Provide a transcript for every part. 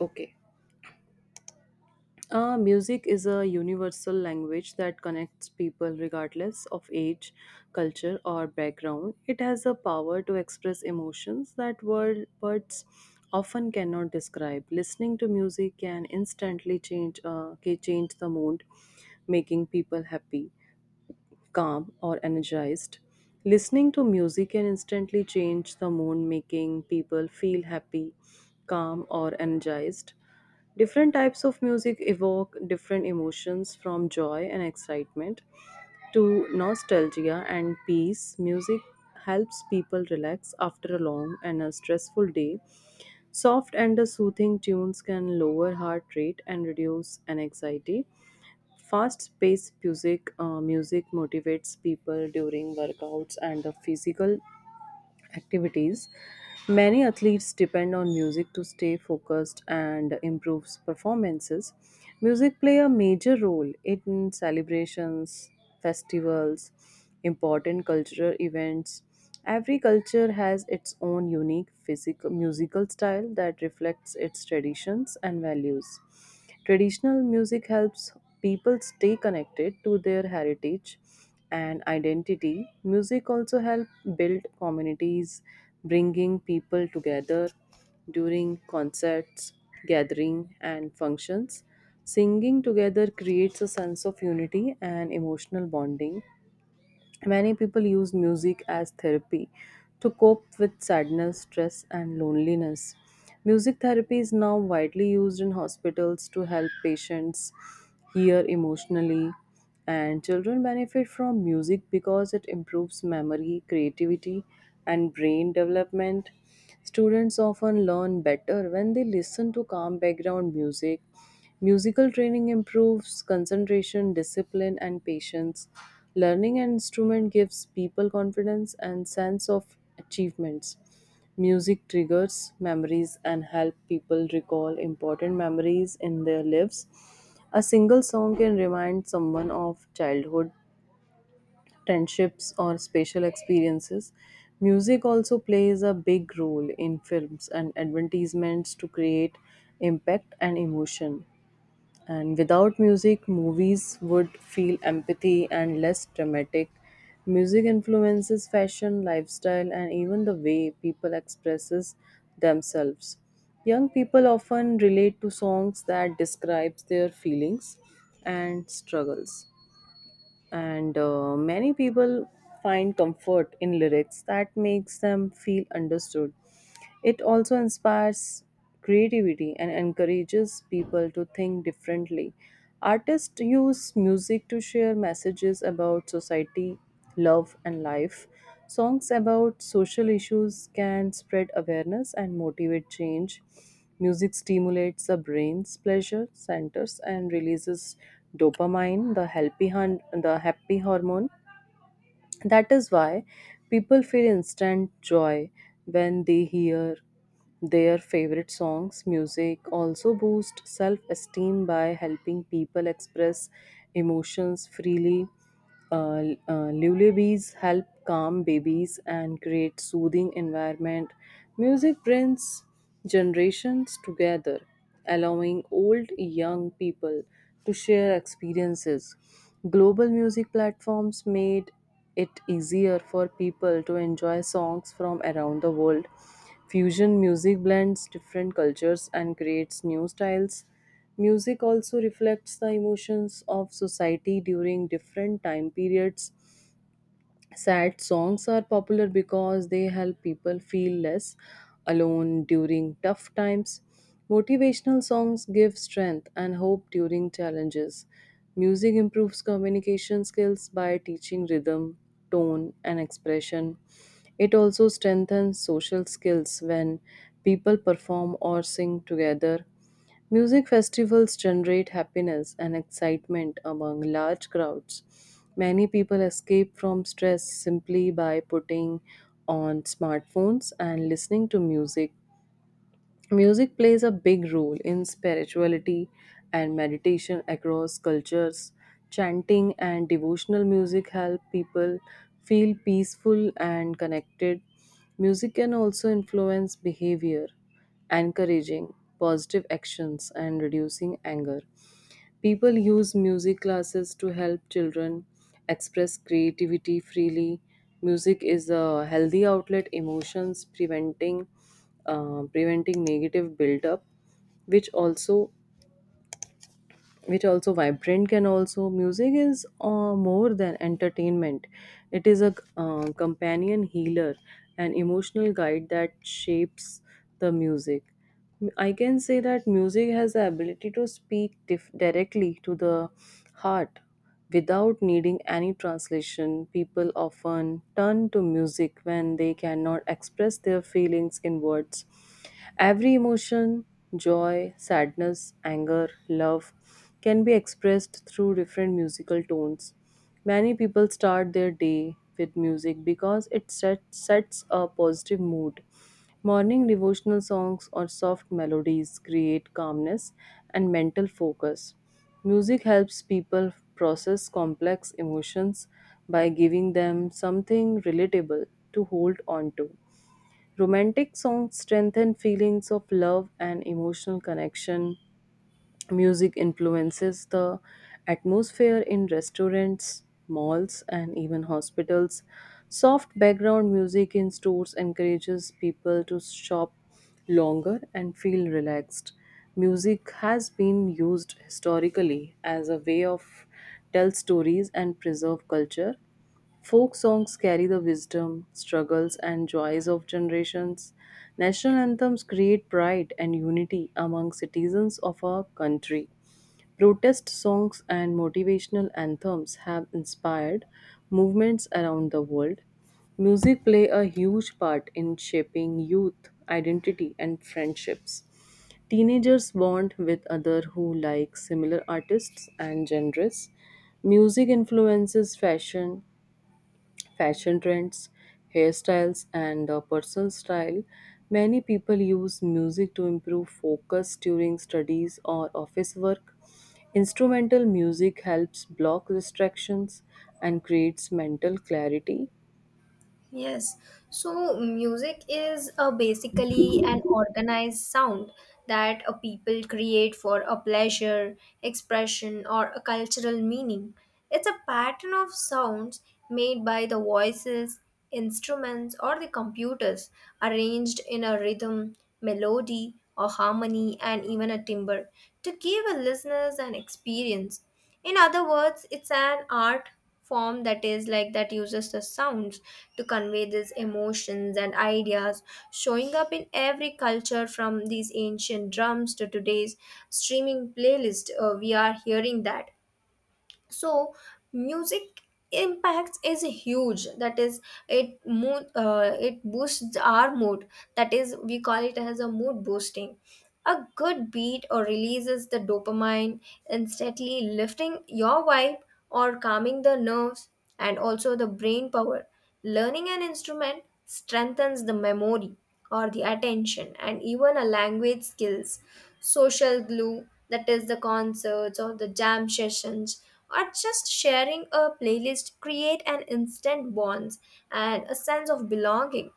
Okay. Music is a universal language that connects people regardless of age, culture, or background. It has a power to express emotions that words often cannot describe. Listening to music can instantly change the mood, making people happy, calm, or energized. Listening to music can instantly change the mood, making people feel happy, calm, or energized. Different types of music evoke different emotions from joy and excitement to nostalgia and peace. Music helps people relax after a long and a stressful day. Soft and soothing tunes can lower heart rate and reduce an anxiety. Fast-paced music motivates people during workouts and the physical activities. Many athletes depend on music to stay focused and improves performances. Music play a major role in celebrations, festivals, important cultural events. Every culture has its own unique physical musical style that reflects its traditions and values. Traditional music helps people stay connected to their heritage and identity. Music also help build communities, bringing people together during concerts, gathering, and functions. Singing together creates a sense of unity and emotional bonding. Many people use music as therapy to cope with sadness, stress, and loneliness. Music therapy is now widely used in hospitals to help patients hear emotionally, and children benefit from music because it improves memory, creativity, and brain development. Students often learn better when they listen to calm background music. Musical training improves concentration, discipline, and patience. Learning an instrument gives people confidence and sense of achievements. Music triggers memories and help people recall important memories in their lives. A single song can remind someone of childhood friendships or spatial experiences. Music also plays a big role in films and advertisements to create impact and emotion. And without music, movies would feel empathy and less dramatic. Music influences fashion, lifestyle, and even the way people expresses themselves. Young people often relate to songs that describes their feelings and struggles, and many people find comfort in lyrics that makes them feel understood. It also inspires creativity and encourages people to think differently. Artists use music to share messages about society, love, and life. Songs about social issues can spread awareness and motivate change. Music stimulates the brain's pleasure centers and releases dopamine, the happy hormone. That is why people feel instant joy when they hear their favorite songs. Music also boosts self esteem by helping people express emotions freely. Lullabies help calm babies and create soothing environment. Music brings generations together, allowing old young people to share experiences. Global music platforms made it easier for people to enjoy songs from around the world. Fusion music blends different cultures and creates new styles. Music also reflects the emotions of society during different time periods. Sad songs are popular because they help people feel less alone during tough times. Motivational songs give strength and hope during challenges. Music improves communication skills by teaching rhythm, tone, and expression. It also strengthens social skills when people perform or sing together. Music festivals generate happiness and excitement among large crowds. Many people escape from stress simply by putting on smartphones and listening to music. Music plays a big role in spirituality and meditation across cultures. Chanting and devotional music help people feel peaceful and connected. Music can also influence behavior, encouraging positive actions and reducing anger. People use music classes to help children express creativity freely. Music is a healthy outlet emotions preventing negative buildup, which also which also vibrant can also music is more than entertainment. It is a companion healer, an emotional guide that shapes the music I can say that music has the ability to speak directly to the heart. Without needing any translation, people often turn to music when they cannot express their feelings in words. Every emotion, joy, sadness, anger, love, can be expressed through different musical tones. Many people start their day with music because it sets a positive mood. Morning devotional songs or soft melodies create calmness and mental focus. Music helps people process complex emotions by giving them something relatable to hold on to. Romantic songs strengthen feelings of love and emotional connection. Music influences the atmosphere in restaurants, malls, and even hospitals. Soft background music in stores encourages people to shop longer and feel relaxed. Music has been used historically as a way of tell stories and preserve culture. Folk songs carry the wisdom, struggles, and joys of generations. National anthems create pride and unity among citizens of our country. Protest songs and motivational anthems have inspired movements around the world. Music play a huge part in shaping youth identity and friendships. Teenagers bond with others who like similar artists and genres. Music influences fashion trends, hairstyles, and personal style. Many people use music to improve focus during studies or office work. Instrumental music helps block distractions and creates mental clarity. Yes, so music is a basically an organized sound that a people create for a pleasure, expression, or a cultural meaning. It's a pattern of sounds made by the voices, instruments, or the computers, arranged in a rhythm, melody, or harmony, and even a timbre to give a listeners an experience. In other words, it's an art form that is like that uses the sounds to convey these emotions and ideas, showing up in every culture from these ancient drums to today's streaming playlist. We are hearing that, so music impacts is huge, that is it mood, it boosts our mood, that is we call it as a mood boosting. A good beat or releases the dopamine instantly lifting your vibe or calming the nerves, and also the brain power. Learning an instrument strengthens the memory or the attention and even a language skills, social glue, that is the concerts or the jam sessions or just sharing a playlist create an instant bonds and a sense of belonging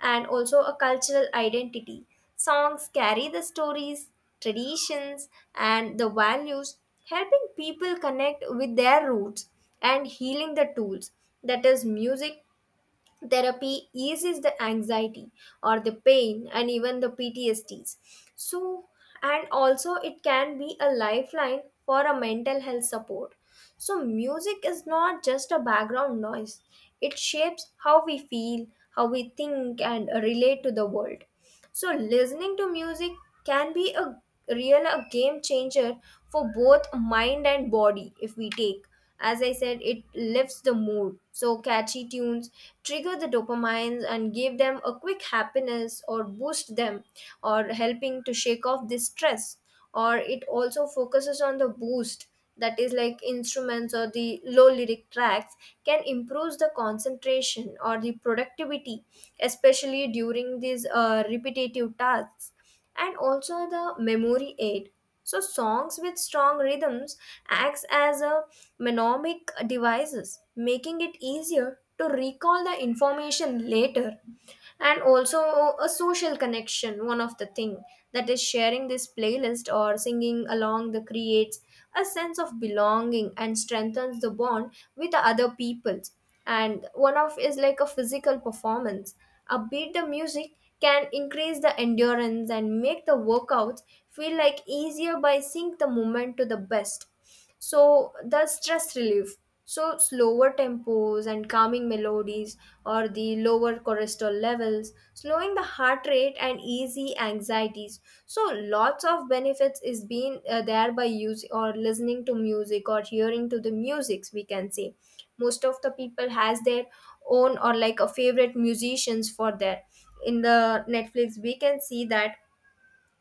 and also a cultural identity. Songs carry the stories, traditions and the values, helping people connect with their roots, and healing the tools, that is music therapy eases the anxiety or the pain and even the PTSDs. So, and also it can be a lifeline for a mental health support. So, music is not just a background noise, it shapes how we feel, how we think, and relate to the world. So, listening to music can be a real a game changer for both mind and body. If we take, as I said, it lifts the mood, so catchy tunes trigger the dopamines and give them a quick happiness or boost them, or helping to shake off the stress. Or it also focuses on the boost, that is like instruments or the low lyric tracks can improve the concentration or the productivity, especially during these repetitive tasks, and also the memory aid. So songs with strong rhythms acts as a mnemonic devices, making it easier to recall the information later, and also a social connection, one of the thing, that is sharing this playlist or singing along the creates a sense of belonging and strengthens the bond with the other peoples. And one of is like a physical performance, upbeat the music can increase the endurance and make the workouts feel like easier by sync the movement to the best. So the stress relief, so slower tempos and calming melodies or the lower cholesterol levels slowing the heart rate and easy anxieties. So lots of benefits is being there by using or listening to music or hearing to the musics, we can say most of the people has their own or like a favorite musicians for that. In the netflix we can see that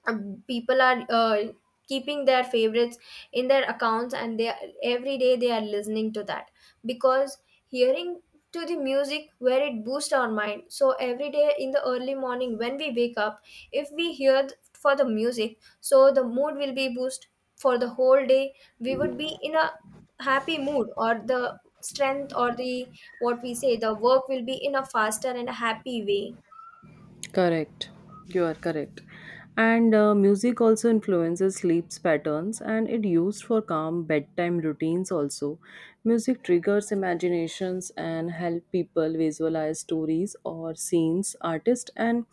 people are keeping their favorites in their accounts, and every day they are listening to that, because hearing to the music where it boosts our mind. So every day in the early morning when we wake up, if we hear for the music, so the mood will be boost for the whole day. We would be in a happy mood or the strength or the, what we say, the work will be in a faster and a happy way. Correct. You are correct. And music also influences sleep's patterns and it used for calm bedtime routines also. Music triggers imaginations and help people visualize stories or scenes. Artists and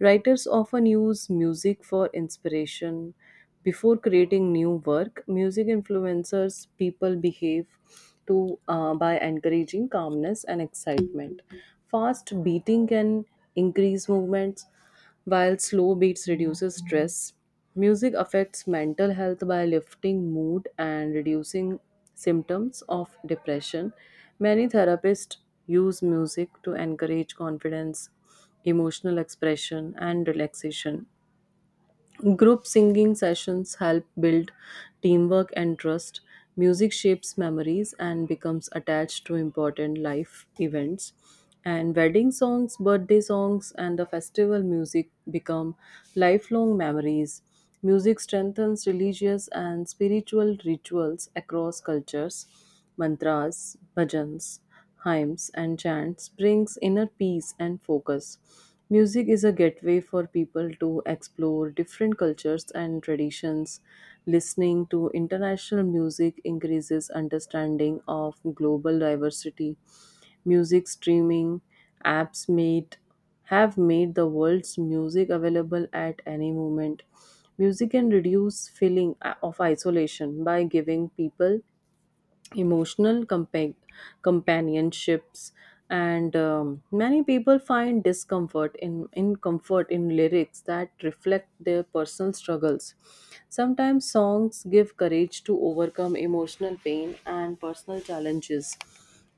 writers often use music for inspiration before creating new work. Music influencers people behave to by encouraging calmness and excitement. Fast beating can increase movements, while slow beats reduces stress. Music affects mental health by lifting mood and reducing symptoms of depression. Many therapists use music to encourage confidence, emotional expression, and relaxation. Group singing sessions help build teamwork and trust. Music shapes memories and becomes attached to important life events. And wedding songs, birthday songs, and the festival music become lifelong memories. Music strengthens religious and spiritual rituals across cultures. Mantras, bhajans, hymns, and chants brings inner peace and focus. Music is a gateway for people to explore different cultures and traditions. Listening to international music increases understanding of global diversity. Music streaming apps made have made the world's music available at any moment. Music can reduce feeling of isolation by giving people emotional companionships, and many people find discomfort in comfort in lyrics that reflect their personal struggles. Sometimes songs give courage to overcome emotional pain and personal challenges,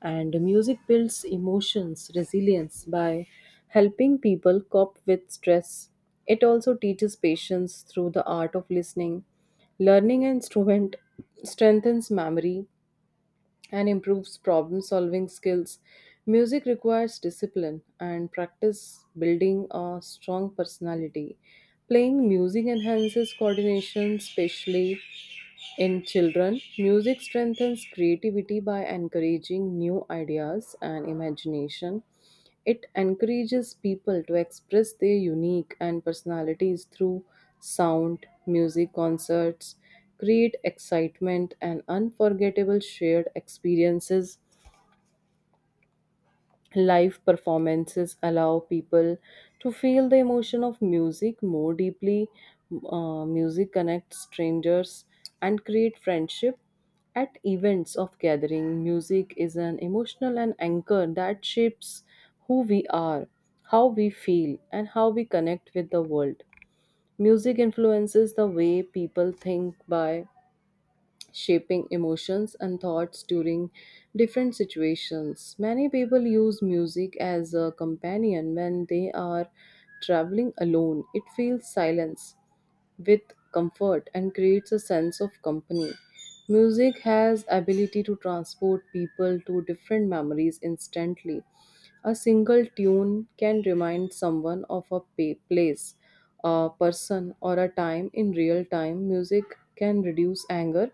and music builds emotions resilience by helping people cope with stress. It also teaches patience through the art of listening. Learning an instrument strengthens memory and improves problem solving skills. Music requires discipline and practice building a strong personality. Playing music enhances coordination, especially in children. Music strengthens creativity by encouraging new ideas and imagination. It encourages people to express their unique and personalities through sound. Music concerts create excitement and unforgettable shared experiences. Live performances allow people to feel the emotion of music more deeply. Music connects strangers and create friendship. At events of gathering, music is an emotional and anchor that shapes who we are, how we feel, and how we connect with the world. Music influences the way people think by shaping emotions and thoughts during different situations. Many people use music as a companion when they are traveling alone. It fills silence with comfort and creates a sense of company. Music has ability to transport people to different memories instantly. A single tune can remind someone of a place, a person, or a time in real time. Music can reduce anger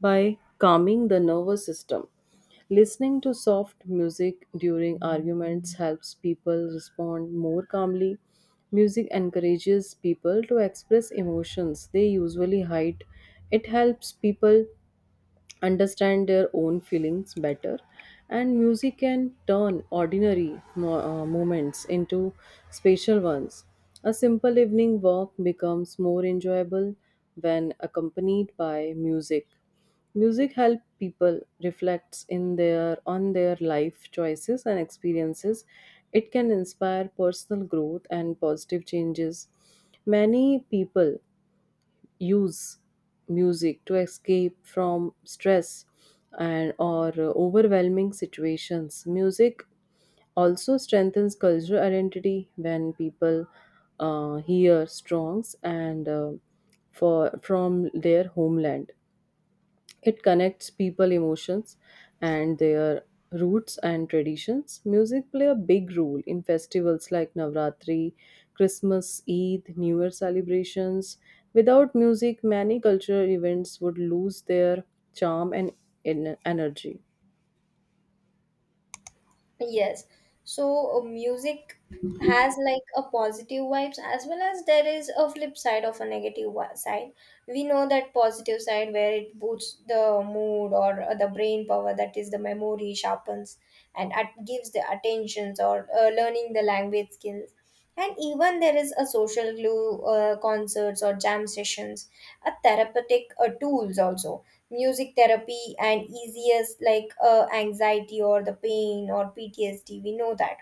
by calming the nervous system. Listening to soft music during arguments helps people respond more calmly. Music encourages people to express emotions they usually hide. It helps people understand their own feelings better, and music can turn ordinary moments into special ones. A simple evening walk becomes more enjoyable when accompanied by music. Music helps people reflects in their on their life choices and experiences. It can inspire personal growth and positive changes. Many people use music to escape from stress and or overwhelming situations. Music also strengthens cultural identity when people hear songs and for from their homeland. It connects people emotions and their roots and traditions. Music play a big role in festivals like Navratri, Christmas, Eid, New Year celebrations. Without music, many cultural events would lose their charm and energy. Yes. So music has like a positive vibes, as well as there is a flip side of a negative side. We know that positive side where it boosts the mood or the brain power, that is the memory sharpens and gives the attentions or learning the language skills. And even there is a social glue, concerts or jam sessions, a therapeutic tools also, music therapy and easiest like anxiety or the pain or ptsd, we know that.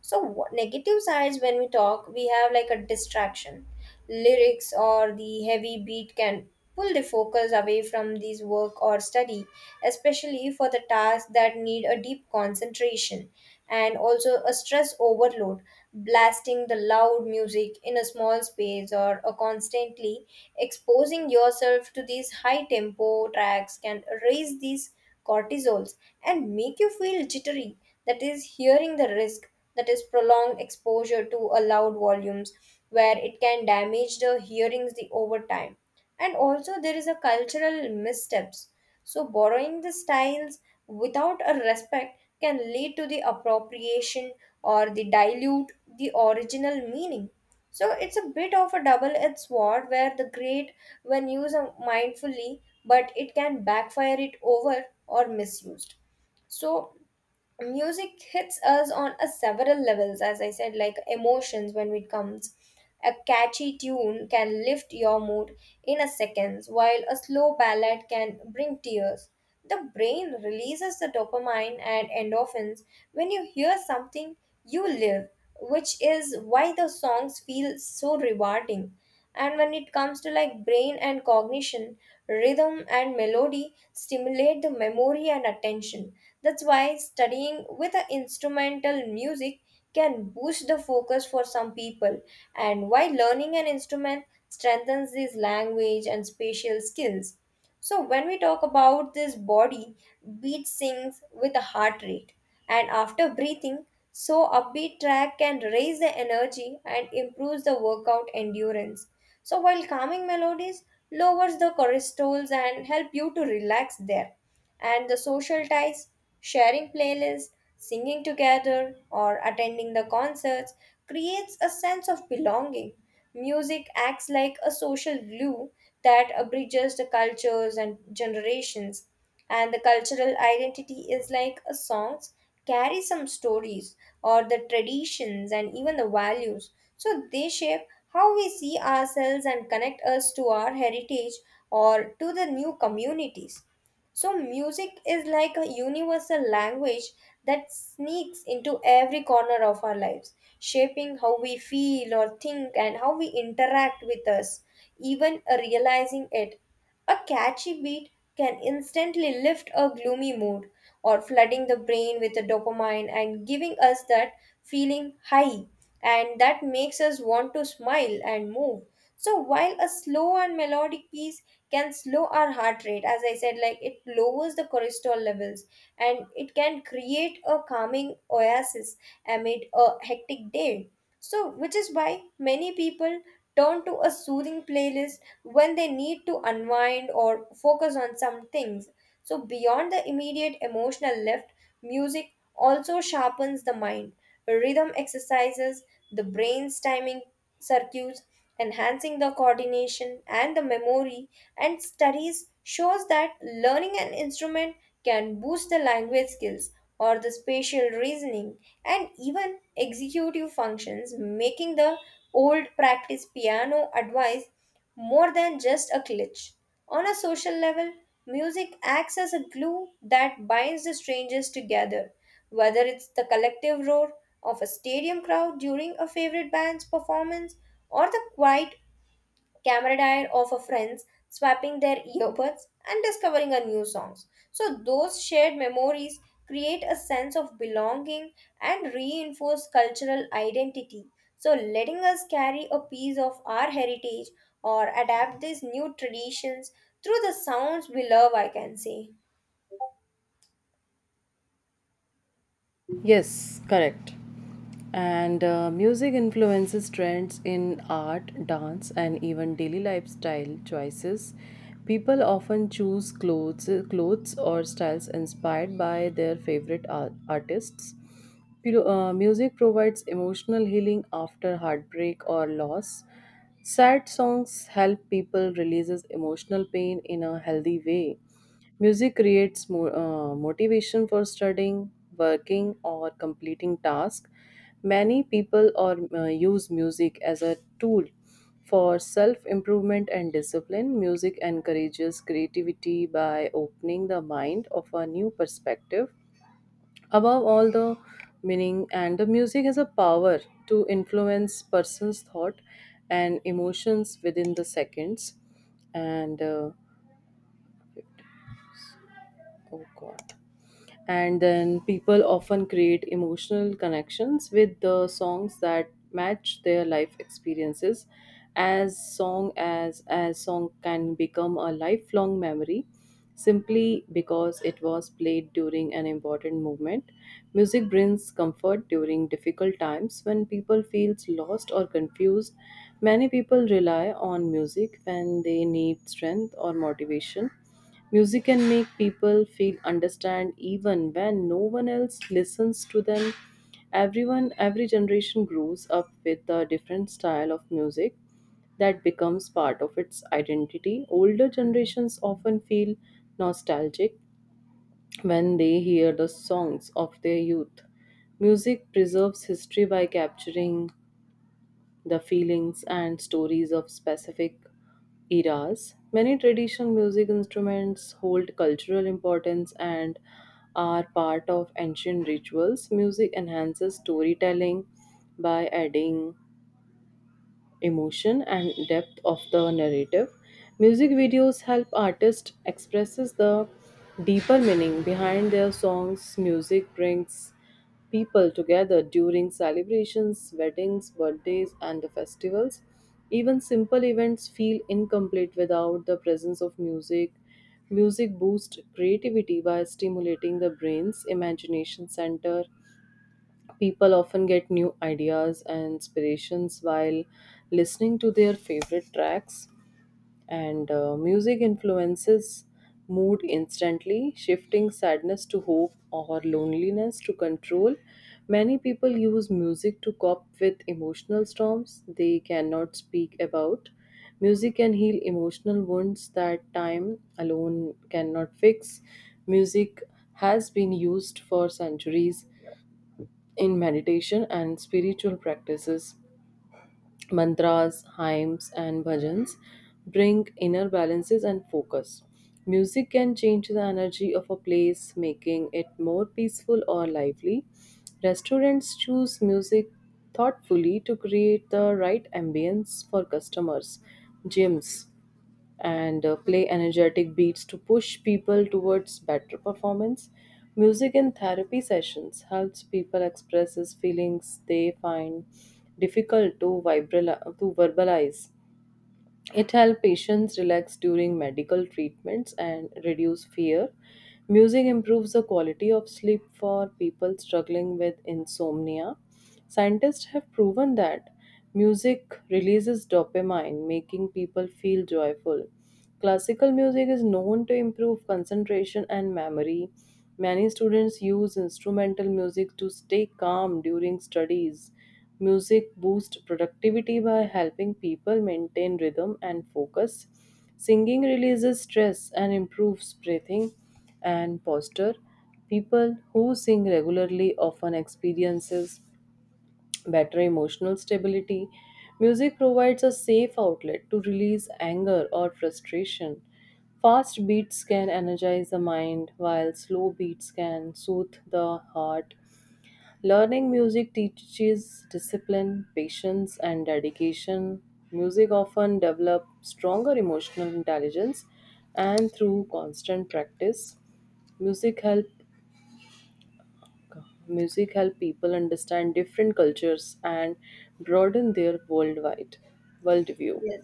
So what, negative sides when we talk, we have like a distraction. Lyrics or the heavy beat can pull the focus away from this work or study, especially for the tasks that need a deep concentration, and also a stress overload. Blasting the loud music in a small space or a constantly exposing yourself to these high tempo tracks can raise these cortisols and make you feel jittery. That is, hearing the risk, that is, prolonged exposure to a loud volumes, where it can damage the hearings the over time. And also, there is a cultural missteps. So, borrowing the styles without a respect can lead to the appropriation or the dilute the original meaning. So it's a bit of a double-edged sword where the great when used mindfully, but it can backfire it over or misused. So music hits us on a several levels. As I said, like emotions, when it comes, a catchy tune can lift your mood in a seconds, while a slow ballad can bring tears. The brain releases the dopamine and endorphins when you hear something you live, which is why the songs feel so rewarding. And when it comes to like brain and cognition, rhythm and melody stimulate the memory and attention. That's why studying with an instrumental music can boost the focus for some people, and why learning an instrument strengthens these language and spatial skills. So when we talk about this body, beat syncs with the heart rate. And after breathing, so upbeat track can raise the energy and improves the workout endurance. So while calming melodies lowers the cortisols and help you to relax there. And the social ties, sharing playlists, singing together or attending the concerts creates a sense of belonging. Music acts like a social glue that bridges the cultures and generations. And the cultural identity is like a songs carry some stories or the traditions and even the values. So they shape how we see ourselves and connect us to our heritage or to the new communities. So, music is like a universal language that sneaks into every corner of our lives, shaping how we feel or think and how we interact with us, even realizing it. A catchy beat can instantly lift a gloomy mood or flooding the brain with a dopamine and giving us that feeling high, and that makes us want to smile and move. So while a slow and melodic piece can slow our heart rate, as I said, like it lowers the cortisol levels, and it can create a calming oasis amid a hectic day. So, which is why many people turn to a soothing playlist when they need to unwind or focus on some things. So, beyond the immediate emotional lift, music also sharpens the mind. Rhythm exercises the brain's timing circuits, enhancing the coordination and the memory, and studies shows that learning an instrument can boost the language skills or the spatial reasoning and even executive functions, making the old practice piano advice more than just a glitch. On a social level, music acts as a glue that binds the strangers together, whether it's the collective roar of a stadium crowd during a favorite band's performance, or the quiet camaraderie of a friends swapping their earbuds and discovering a new songs. So those shared memories create a sense of belonging and reinforce cultural identity, so letting us carry a piece of our heritage or adapt these new traditions through the sounds we love, I can say. Yes, correct. And music influences trends in art, dance, and even daily lifestyle choices. People often choose clothes or styles inspired by their favorite artists. Music provides emotional healing after heartbreak or loss. Sad songs help people releases emotional pain in a healthy way. Music creates motivation for studying, working, or completing tasks. Many people or use music as a tool for self improvement and discipline. Music encourages creativity by opening the mind of a new perspective. Above all, the meaning and the music has a power to influence person's thought and emotions within the seconds. And oh god. And then people often create emotional connections with the songs that match their life experiences, as song can become a lifelong memory simply because it was played during an important moment. Music brings comfort during difficult times when people feels lost or confused. Many people rely on music when they need strength or motivation. Music can make people feel understand even when no one else listens to them. Everyone, every generation grows up with a different style of music that becomes part of its identity. Older generations often feel nostalgic when they hear the songs of their youth. Music preserves history by capturing the feelings and stories of specific eras. Many traditional music instruments hold cultural importance and are part of ancient rituals. Music enhances storytelling by adding emotion and depth of the narrative. Music videos help artists expresses the deeper meaning behind their songs. Music brings people together during celebrations, weddings, birthdays, and the festivals. Even simple events feel incomplete without the presence of music. Music boosts creativity by stimulating the brain's imagination center. People often get new ideas and inspirations while listening to their favorite tracks, and music influences mood instantly, shifting sadness to hope or loneliness to control. Many people use music to cope with emotional storms they cannot speak about. Music can heal emotional wounds that time alone cannot fix. Music has been used for centuries in meditation and spiritual practices. Mantras, hymns, and bhajans bring inner balances and focus. Music can change the energy of a place, making it more peaceful or lively. Restaurants choose music thoughtfully to create the right ambience for customers. Gyms and play energetic beats to push people towards better performance. Music in therapy sessions helps people express his feelings they find difficult to verbalize. It helps patients relax during medical treatments and reduce fear. Music improves the quality of sleep for people struggling with insomnia. Scientists have proven that music releases dopamine, making people feel joyful. Classical music is known to improve concentration and memory. Many students use instrumental music to stay calm during studies. Music boosts productivity by helping people maintain rhythm and focus. Singing releases stress and improves breathing and posture. People who sing regularly often experiences better emotional stability. Music provides a safe outlet to release anger or frustration. Fast beats can energize the mind, while slow beats can soothe the heart. Learning music teaches discipline, patience, and dedication. Music often develops stronger emotional intelligence, and through constant practice, music help music help people understand different cultures and broaden their worldwide worldview. Yes.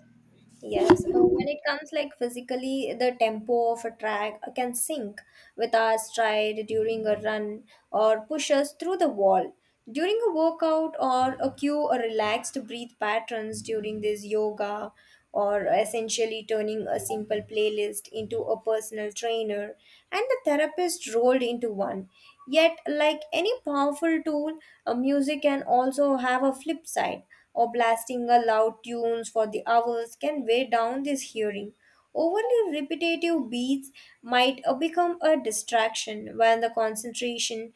Yes, when it comes like physically, the tempo of a track can sync with our stride during a run or push us through the wall. During a workout or a cue a relaxed breathe patterns during this yoga, or essentially turning a simple playlist into a personal trainer and the therapist rolled into one. Yet, like any powerful tool, a music can also have a flip side, or blasting a loud tunes for the hours can weigh down this hearing. Overly repetitive beats might become a distraction when the concentration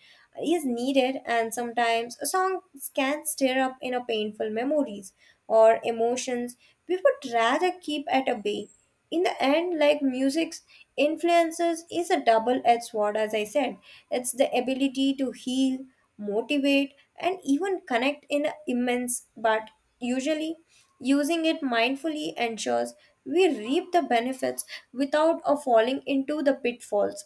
is needed, and sometimes songs can stir up inner painful memories or emotions we would rather keep at a bay. In the end, like music's influences is a double-edged sword, as I said, it's the ability to heal, motivate and even connect in a immense, but usually using it mindfully ensures we reap the benefits without a falling into the pitfalls.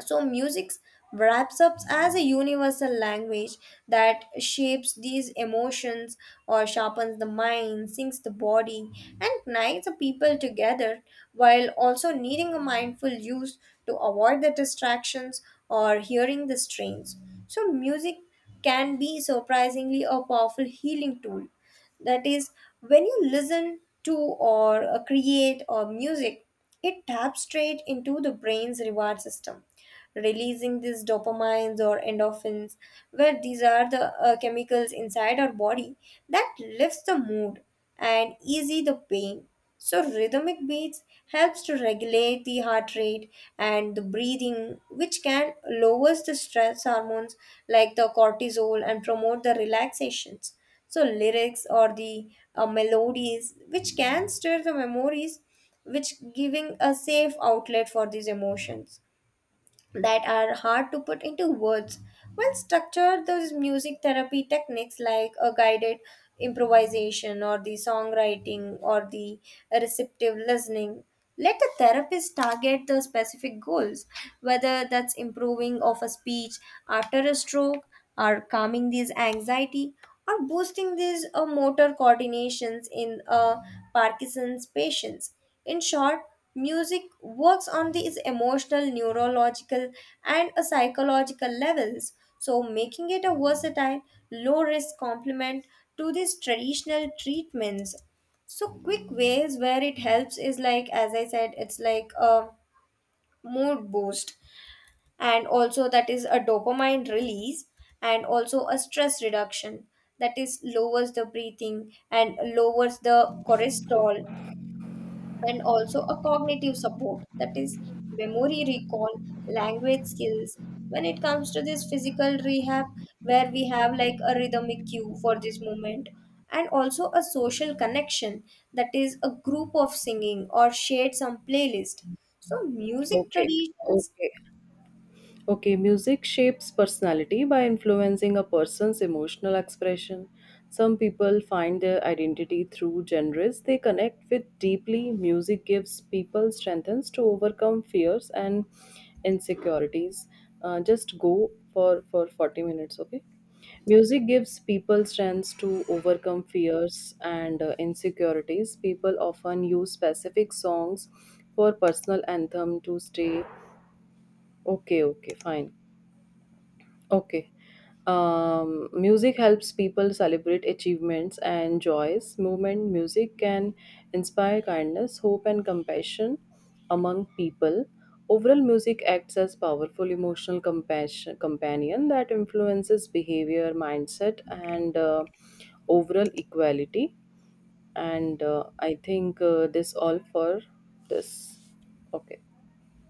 So, music wraps up as a universal language that shapes these emotions or sharpens the mind, sinks the body, and unites the people together, while also needing a mindful use to avoid the distractions or hearing the strains. So, music can be surprisingly a powerful healing tool. That is, when you listen to or create or music, it taps straight into the brain's reward system, releasing these dopamines or endorphins, where these are the chemicals inside our body that lifts the mood and easy the pain. So rhythmic beats helps to regulate the heart rate and the breathing, which can lowers the stress hormones like the cortisol and promote the relaxations. So lyrics or the melodies which can stir the memories, which giving a safe outlet for these emotions that are hard to put into words. Well, structure those music therapy techniques like a guided improvisation or the songwriting or the receptive listening. Let the therapist target the specific goals, whether that's improving of a speech after a stroke, or calming these anxiety, or boosting these motor coordinations in Parkinson's patients. In short, music works on these emotional, neurological, and a psychological levels, so making it a versatile, low risk complement to these traditional treatments. So, quick ways where it helps is like, as I said, it's like a mood boost, and also that is a dopamine release, and also a stress reduction, that is lowers the breathing and lowers the cortisol, and also a cognitive support, that is memory recall, language skills. When it comes to this physical rehab, where we have like a rhythmic cue for this movement, and also a social connection, that is a group of singing or shared some playlist, so music Okay, traditions okay. Okay, music shapes personality by influencing a person's emotional expression. Some people find their identity through genres they connect with deeply. Music gives people strengths to overcome fears and insecurities. Just go for 40 minutes, okay? Music gives people strengths to overcome fears and insecurities. People often use specific songs for personal anthem to stay okay, okay, fine. Okay. Music helps people celebrate achievements and joys. Movement music can inspire kindness, hope, and compassion among people. Overall, music acts as powerful emotional compassion companion that influences behavior, mindset, and overall equality. And I think this all for this. Okay.